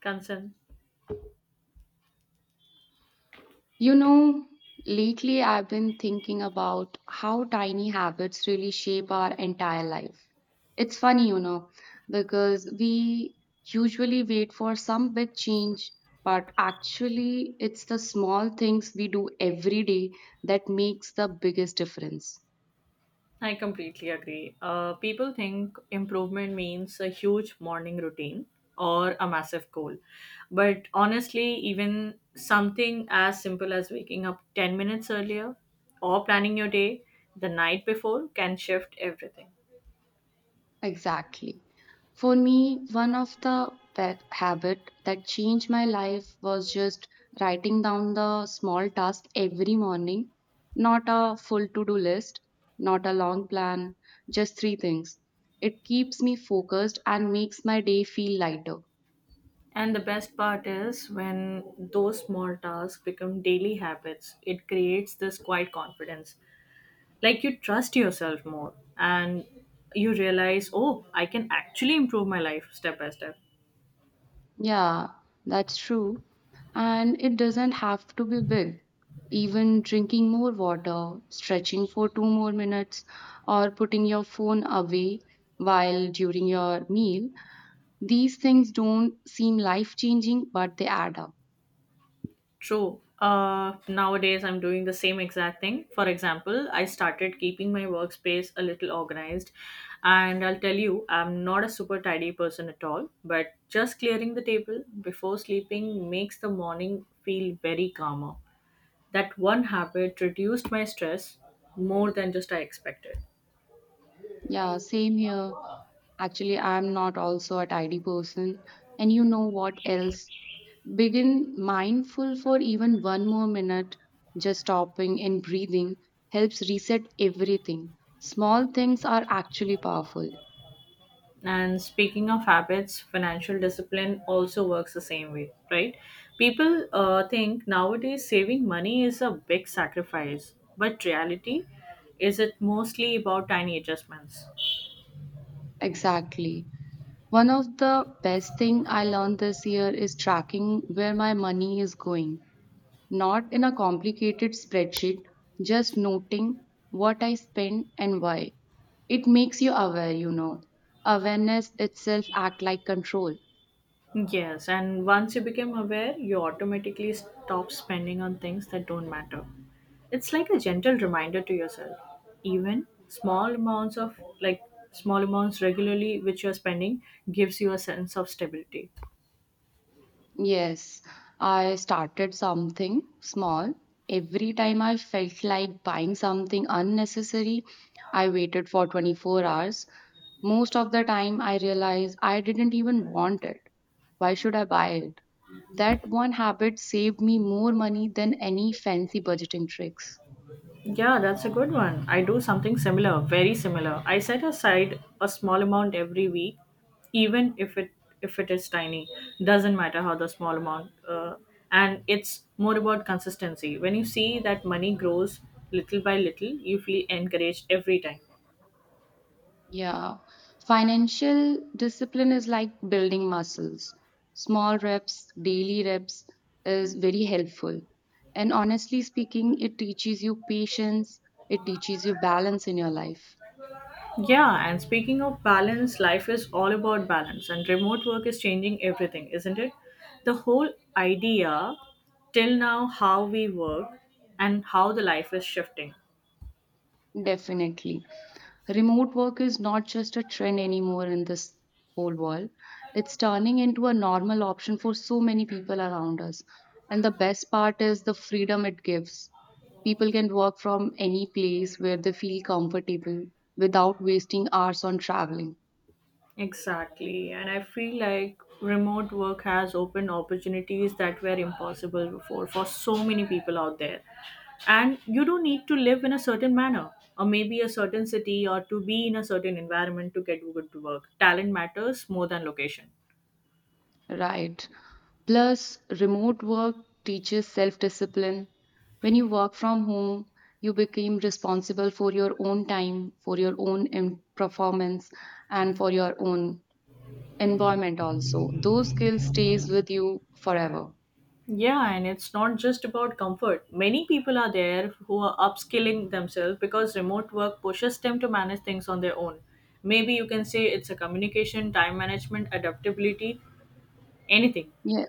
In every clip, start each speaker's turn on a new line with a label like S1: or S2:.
S1: Concern.
S2: You know, lately I've been thinking about how tiny habits really shape our entire life. It's funny, you know, because we usually wait for some big change, but actually it's the small things we do every day that makes the biggest difference.
S1: I completely agree. People think improvement means a huge morning routine or a massive goal. But honestly, even something as simple as waking up 10 minutes earlier or planning your day the night before can shift everything.
S2: Exactly. For me, one of the pet habit that changed my life was just writing down the small task every morning, not a full to-do list, not a long plan, just three things. It keeps me focused and makes my day feel lighter.
S1: And the best part is when those small tasks become daily habits, it creates this quiet confidence, like you trust yourself more and you realize, oh, I can actually improve my life step by step.
S2: Yeah, that's true. And it doesn't have to be big. Even drinking more water, stretching for two more minutes, or putting your phone away while during your meal, these things don't seem life changing, but they add up.
S1: True. Nowadays I'm doing the same exact thing. For example, I started keeping my workspace a little organized, and I'll tell you, I'm not a super tidy person at all, but just clearing the table before sleeping makes the morning feel very calmer. That one habit reduced my stress more than just I expected.
S2: Yeah, same here. Actually, I'm not also a tidy person. And you know what else? Begin mindful for even one more minute, just stopping and breathing helps reset everything. Small things are actually powerful.
S1: And speaking of habits, financial discipline also works the same way, right? People think nowadays saving money is a big sacrifice, but reality is it mostly about tiny adjustments.
S2: Exactly. One of the best thing I learned this year is tracking where my money is going. Not in a complicated spreadsheet, just noting what I spend and why. It makes you aware, you know. Awareness itself act like control.
S1: Yes, and once you become aware, you automatically stop spending on things that don't matter. It's like a gentle reminder to yourself. Even small amounts of like small amounts regularly which you're spending gives you a sense of stability.
S2: Yes, I started something small. Every time I felt like buying something unnecessary, I waited for 24 hours. Most of the time, I realized I didn't even want it. Why should I buy it? That one habit saved me more money than any fancy budgeting tricks.
S1: Yeah, that's a good one. I do something similar, very similar. I set aside a small amount every week, even if it is tiny. Doesn't matter how the small amount. And it's more about consistency. When you see that money grows little by little, you feel encouraged every time.
S2: Yeah, financial discipline is like building muscles. Small reps, daily reps is very helpful. And honestly speaking, it teaches you patience, it teaches you balance in your life.
S1: Yeah, and speaking of balance, life is all about balance, and remote work is changing everything, isn't it? The whole idea till now, how we work and how the life is shifting.
S2: Definitely. Remote work is not just a trend anymore in this whole world. It's turning into a normal option for so many people around us. And the best part is the freedom it gives. People can work from any place where they feel comfortable without wasting hours on traveling.
S1: Exactly. And I feel like remote work has opened opportunities that were impossible before for so many people out there. And you don't need to live in a certain manner or maybe a certain city or to be in a certain environment to get good work. Talent matters more than location.
S2: Right. Plus, remote work teaches self discipline. When you work from home, you become responsible for your own time, for your own performance, and for your own environment also. Those skills stays with you forever.
S1: Yeah, and it's not just about comfort. Many people are there who are upskilling themselves because remote work pushes them to manage things on their own. Maybe you can say it's a communication, time management, adaptability, anything.
S2: Yeah.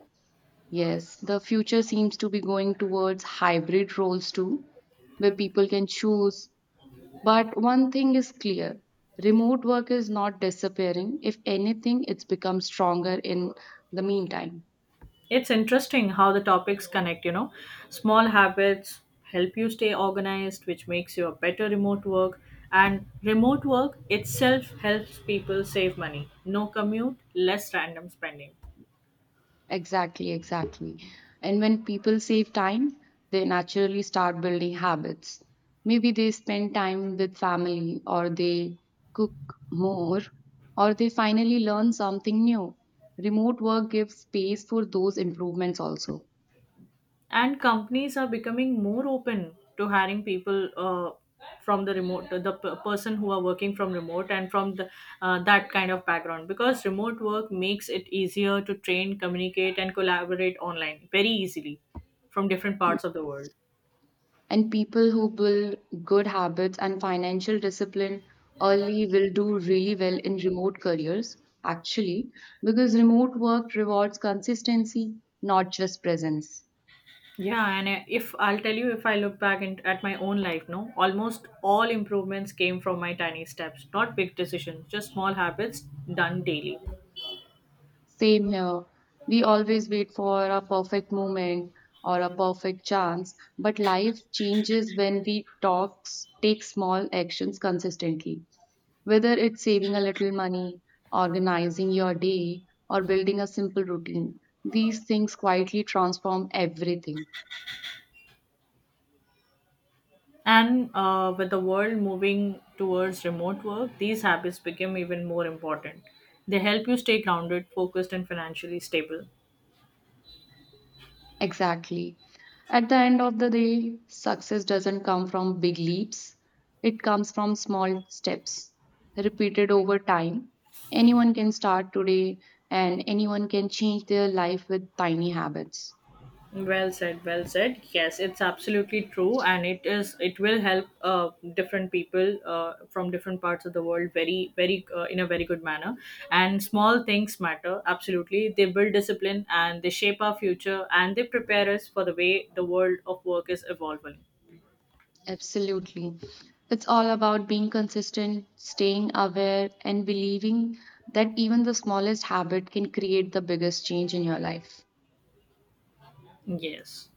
S2: Yes, the future seems to be going towards hybrid roles too, where people can choose. But one thing is clear, remote work is not disappearing. If anything, it's become stronger in the meantime.
S1: It's interesting how the topics connect, you know. Small habits help you stay organized, which makes you a better remote work. And remote work itself helps people save money. No commute, less random spending.
S2: Exactly, exactly. And when people save time, they naturally start building habits. Maybe they spend time with family, or they cook more, or they finally learn something new. Remote work gives space for those improvements also.
S1: And companies are becoming more open to hiring people from the remote, person who are working from remote and from that kind of background. Because remote work makes it easier to train, communicate, and collaborate online very easily from different parts of the world.
S2: And people who build good habits and financial discipline early will do really well in remote careers, actually, because remote work rewards consistency, not just presence.
S1: Yeah, and if I'll tell you, if I look back in, at my own life, no, almost all improvements came from my tiny steps, not big decisions, just small habits done daily.
S2: Same here. We always wait for a perfect moment or a perfect chance, but life changes when we talk, take small actions consistently. Whether it's saving a little money, organizing your day, or building a simple routine, these things quietly transform everything.
S1: And with the world moving towards remote work, these habits became even more important. They help you stay grounded, focused, and financially stable.
S2: Exactly. At the end of the day, success doesn't come from big leaps, it comes from small steps repeated over time. Anyone can start today, and anyone can change their life with tiny habits.
S1: Well said, well said. Yes, it's absolutely true, and it is. It will help different people from different parts of the world very, very, in a very good manner. And small things matter absolutely. They build discipline and they shape our future and they prepare us for the way the world of work is evolving.
S2: Absolutely. It's all about being consistent, staying aware, and believing that even the smallest habit can create the biggest change in your life.
S1: Yes.